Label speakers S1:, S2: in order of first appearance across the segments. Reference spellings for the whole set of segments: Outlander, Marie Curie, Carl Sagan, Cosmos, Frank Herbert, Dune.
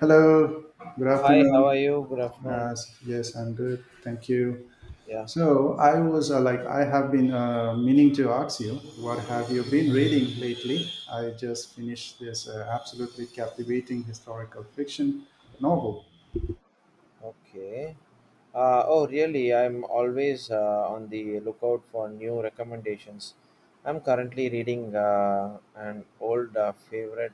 S1: Hello, good
S2: Hi, how are
S1: afternoon.
S2: you? Good afternoon.
S1: Uh, yes, I'm good. Thank you.
S2: Yeah,
S1: So I was I have been meaning to ask you, what have you been reading lately? I just finished this absolutely captivating historical fiction novel.
S2: okay. Oh, really? I'm always on the lookout for new recommendations. I'm currently reading an old favorite,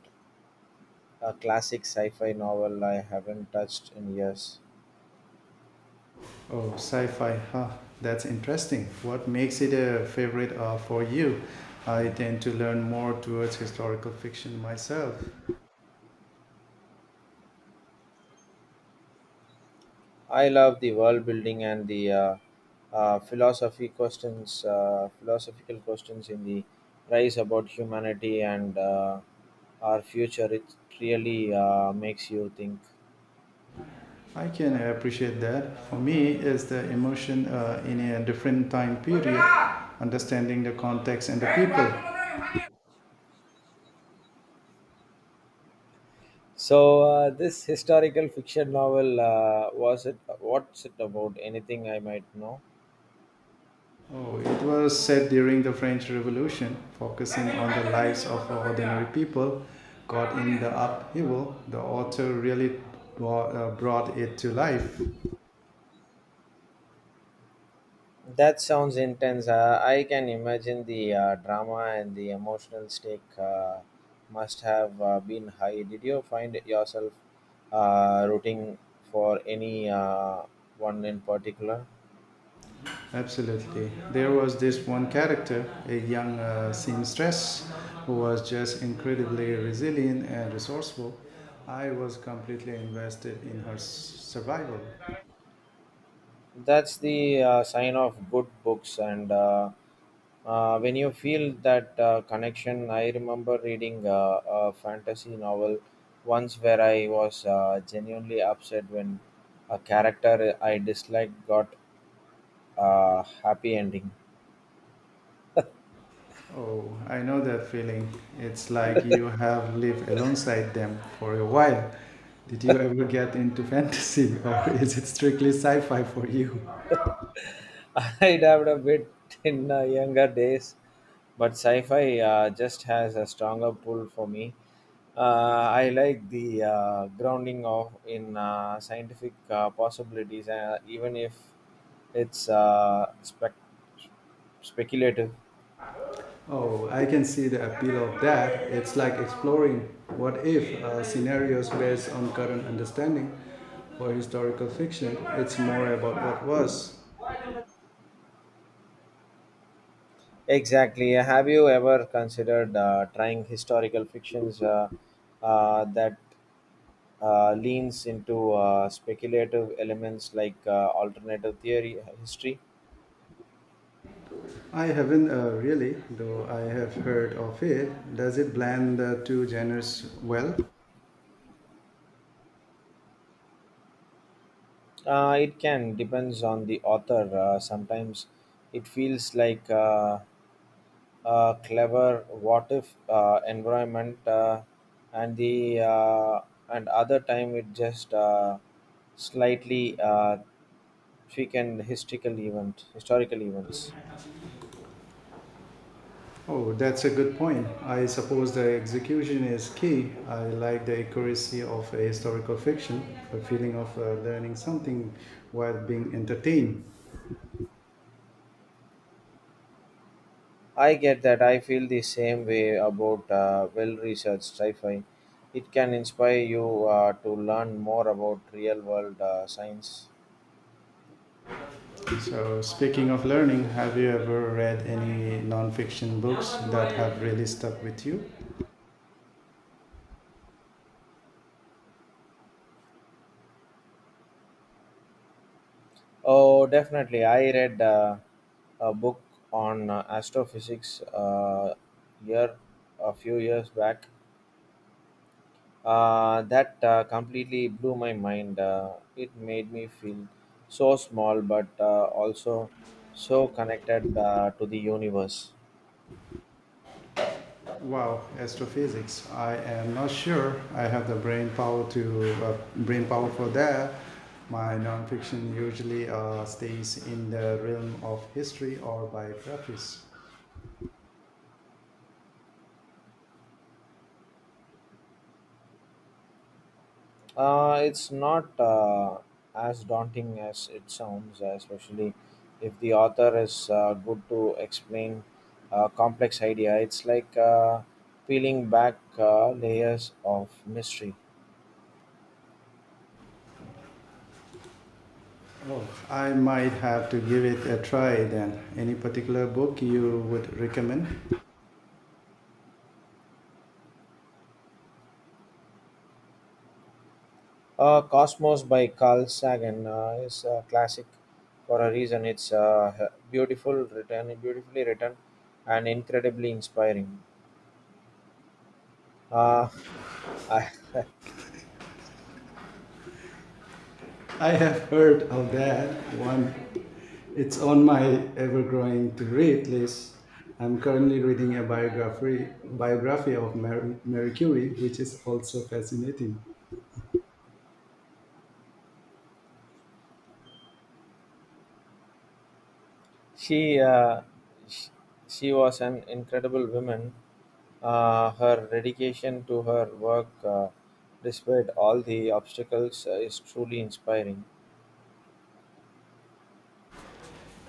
S2: a classic sci fi novel I haven't touched in years.
S1: Oh, sci-fi, huh? That's interesting. What makes it a favorite for you? I tend to learn more towards historical fiction myself.
S2: I love the world building and the philosophy questions, philosophical questions in the rise about humanity and our future. It really makes you think.
S1: I can appreciate that. For me, it's the emotion in a different time period, understanding the context and the people.
S2: So this historical fiction novel was it? what's it about? Anything I might know?
S1: Oh, it was said during the French Revolution, focusing on the lives of ordinary people caught in the upheaval. The author really brought it to life.
S2: That sounds intense. I can imagine the drama and the emotional stake must have been high. Did you find yourself rooting for any one in particular?
S1: Absolutely. There was this one character, a young seamstress, who was just incredibly resilient and resourceful. I was completely invested in her survival.
S2: That's the sign of good books and when you feel that connection. I remember reading a fantasy novel once where I was genuinely upset when a character I disliked got a happy ending.
S1: Oh, I know that feeling. It's like you have lived alongside them for a while. Did you ever get into fantasy, or is it strictly sci fi for you?
S2: I dabbed a bit in younger days, but sci-fi just has a stronger pull for me. Uh, I like the grounding of in scientific possibilities, even if it's speculative.
S1: Oh, I can see the appeal of that. It's like exploring what if scenarios based on current understanding or historical fiction. It's more about what was.
S2: Exactly. Have you ever considered trying historical fictions that leans into speculative elements like alternative theory history?
S1: I haven't really, though I have heard of it. Does it blend the two genres well?
S2: It can depends on the author. Sometimes it feels like clever what if environment and the and other time it just slightly and historical events.
S1: Oh, that's a good point. I suppose the execution is key. I like the accuracy of a historical fiction, a feeling of learning something while being entertained.
S2: I get that. I feel the same way about well researched sci-fi. It can inspire you to learn more about real world science.
S1: So, speaking of learning, have you ever read any non-fiction books that have really stuck with you?
S2: Oh, definitely. I read a book on astrophysics year a few years back. That completely blew my mind. It made me feel so small, but also so connected to the universe.
S1: Wow, astrophysics. I am not sure I have the brain power for that. My non-fiction usually stays in the realm of history or biographies.
S2: It's not as daunting as it sounds, especially if the author is good to explain a complex idea. It's like peeling back layers of mystery.
S1: Oh, I might have to give it a try then. Any particular book you would recommend?
S2: Cosmos by Carl Sagan is a classic for a reason. It's beautifully written, and incredibly inspiring. Uh, I,
S1: I have heard of that one. It's on my ever-growing to-read list. I'm currently reading a biography of Marie Curie, which is also fascinating.
S2: she, uh, she she was an incredible woman. Her dedication to her work, despite all the obstacles, is truly inspiring.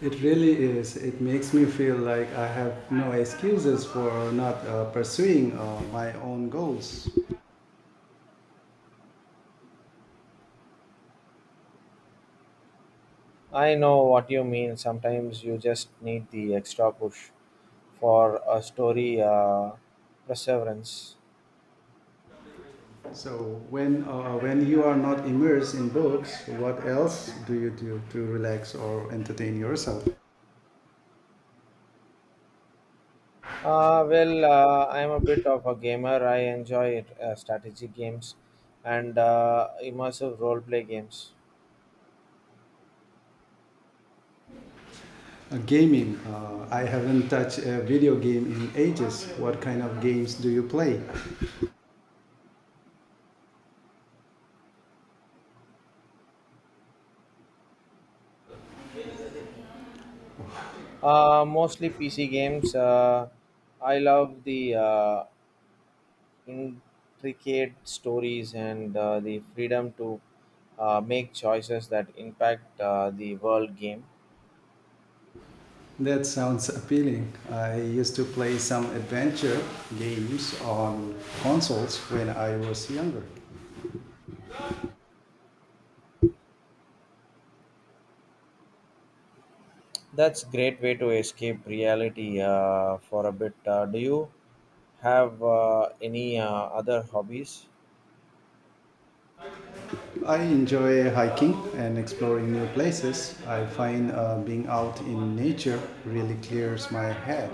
S1: It really is. It makes me feel like I have no excuses for not pursuing my own goals.
S2: I know what you mean. Sometimes you just need the extra push for a story perseverance.
S1: So when you are not immersed in books, what else do you do to relax or entertain yourself?
S2: Well, I'm a bit of a gamer. I enjoy strategy games and immersive roleplay games.
S1: Gaming. I haven't touched a video game in ages. What kind of games do you play?
S2: Mostly PC games. I love the intricate stories and the freedom to make choices that impact the world game.
S1: That sounds appealing. I used to play some adventure games on consoles when I was younger.
S2: That's great way to escape reality for a bit. Do you have any other hobbies?
S1: I enjoy hiking and exploring new places. I find being out in nature really clears my head.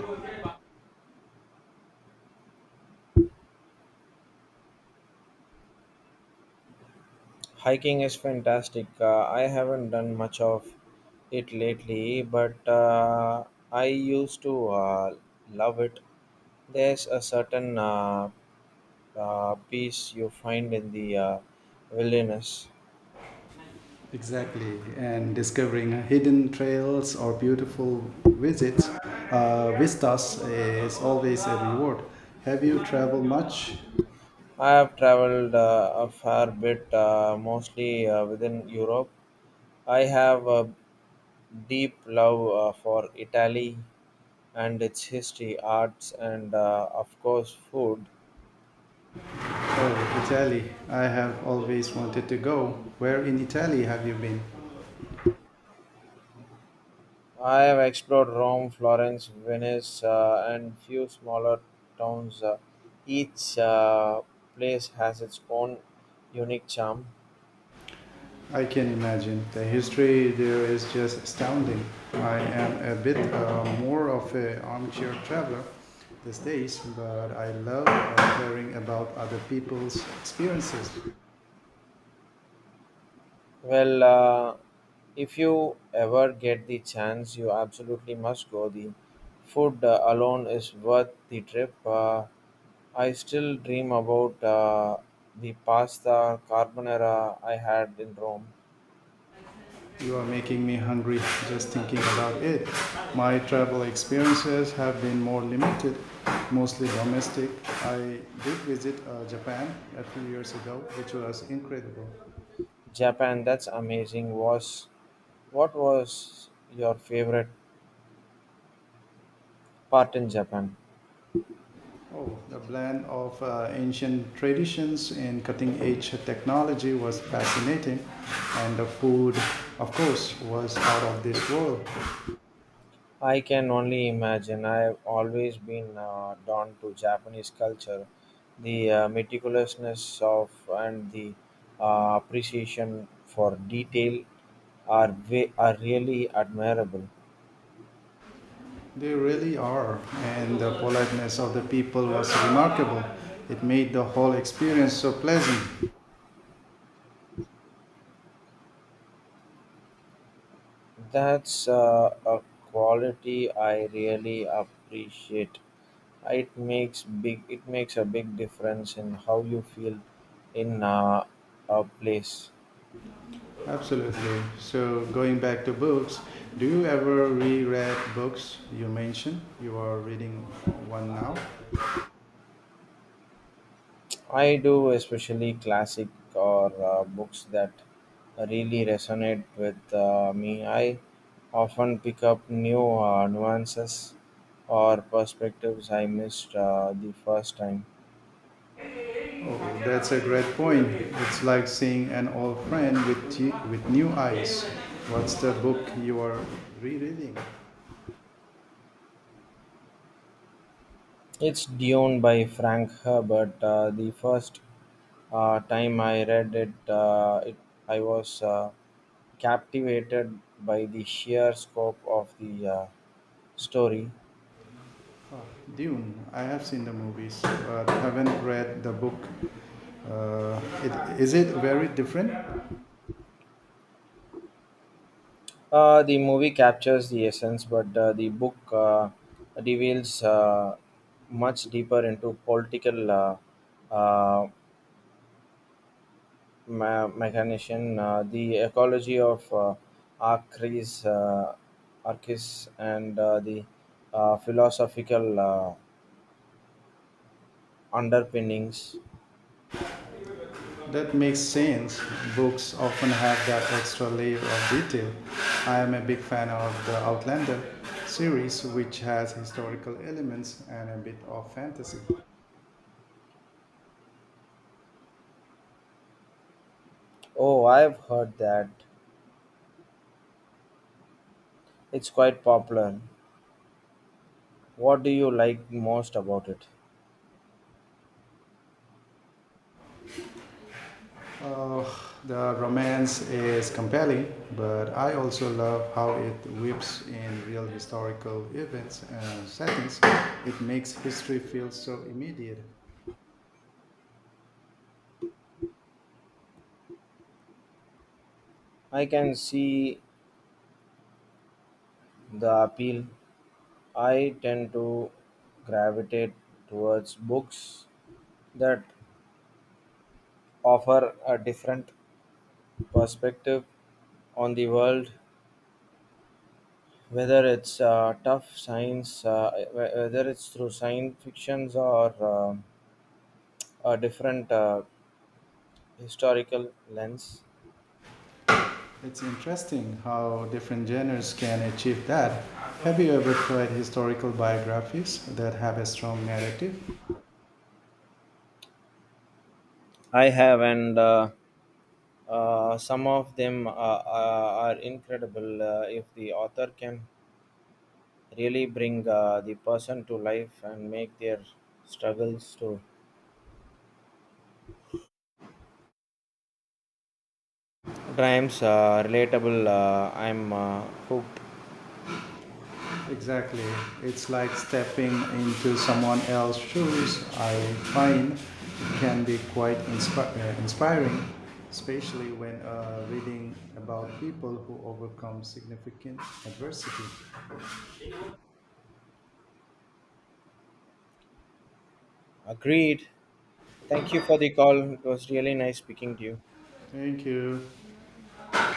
S2: Hiking is fantastic. I haven't done much of it lately, but I used to love it. There's a certain peace you find in the wilderness.
S1: Exactly. And discovering hidden trails or beautiful visits, vistas is always a reward. Have you traveled much?
S2: I have traveled a fair bit, mostly within Europe. I have a deep love for Italy and its history, arts, and of course, food.
S1: Oh, Italy. I have always wanted to go. Where in Italy have you been?
S2: I have explored Rome, Florence, Venice, and few smaller towns. Each place has its own unique charm.
S1: I can imagine. The history there is just astounding. I am a bit more of an armchair traveler these days, but I love hearing about other people's experiences.
S2: Well, if you ever get the chance, you absolutely must go. The food alone is worth the trip. I still dream about the pasta carbonara I had in Rome.
S1: You are making me hungry just thinking about it. My travel experiences have been more limited, mostly domestic. I did visit Japan a few years ago, which was incredible.
S2: Japan, that's amazing. Was what was your favorite part in Japan?
S1: Oh, the blend of ancient traditions and cutting edge technology was fascinating, and the food, of course, was out of this world.
S2: I can only imagine. I've always been drawn to Japanese culture, the meticulousness of and the appreciation for detail are really admirable.
S1: They really are, and the politeness of the people was remarkable. It made the whole experience so pleasant.
S2: That's a quality I really appreciate. It makes a big difference in how you feel in a place.
S1: Absolutely. So going back to books, do you ever reread books you mentioned? You are reading one now.
S2: I do, especially classic or books that really resonate with me. I often pick up new nuances or perspectives I missed the first time.
S1: Oh, that's a great point. It's like seeing an old friend with you, with new eyes. What's the book you are rereading?
S2: It's Dune by Frank Herbert. The first time I read it, I was captivated by the sheer scope of the story.
S1: Dune. I have seen the movies, but haven't read the book. Uh, is it very different?
S2: The movie captures the essence, but the book reveals much deeper into political uh, mechanician, the ecology of Arcris, uh, Arcris and the philosophical underpinnings.
S1: That makes sense. Books often have that extra layer of detail. I am a big fan of the Outlander series, which has historical elements and a bit of fantasy.
S2: Oh, I've heard that. It's quite popular. What do you like most about it?
S1: Uh, the romance is compelling, but I also love how it weaves in real historical events and settings. It makes history feel so immediate.
S2: I can see the appeal. I tend to gravitate towards books that offer a different perspective on the world, whether it's tough science, whether it's through science fictions or a different historical lens.
S1: It's interesting how different genres can achieve that. Have you ever tried historical biographies that have a strong narrative?
S2: I have, and some of them are incredible if the author can really bring the person to life and make their struggles to dreams relatable. I'm hooked.
S1: Exactly. It's like stepping into someone else's shoes. I find it can be quite inspiring, especially when reading about people who overcome significant adversity.
S2: Agreed. Thank you for the call. It was really nice speaking to you.
S1: Thank you.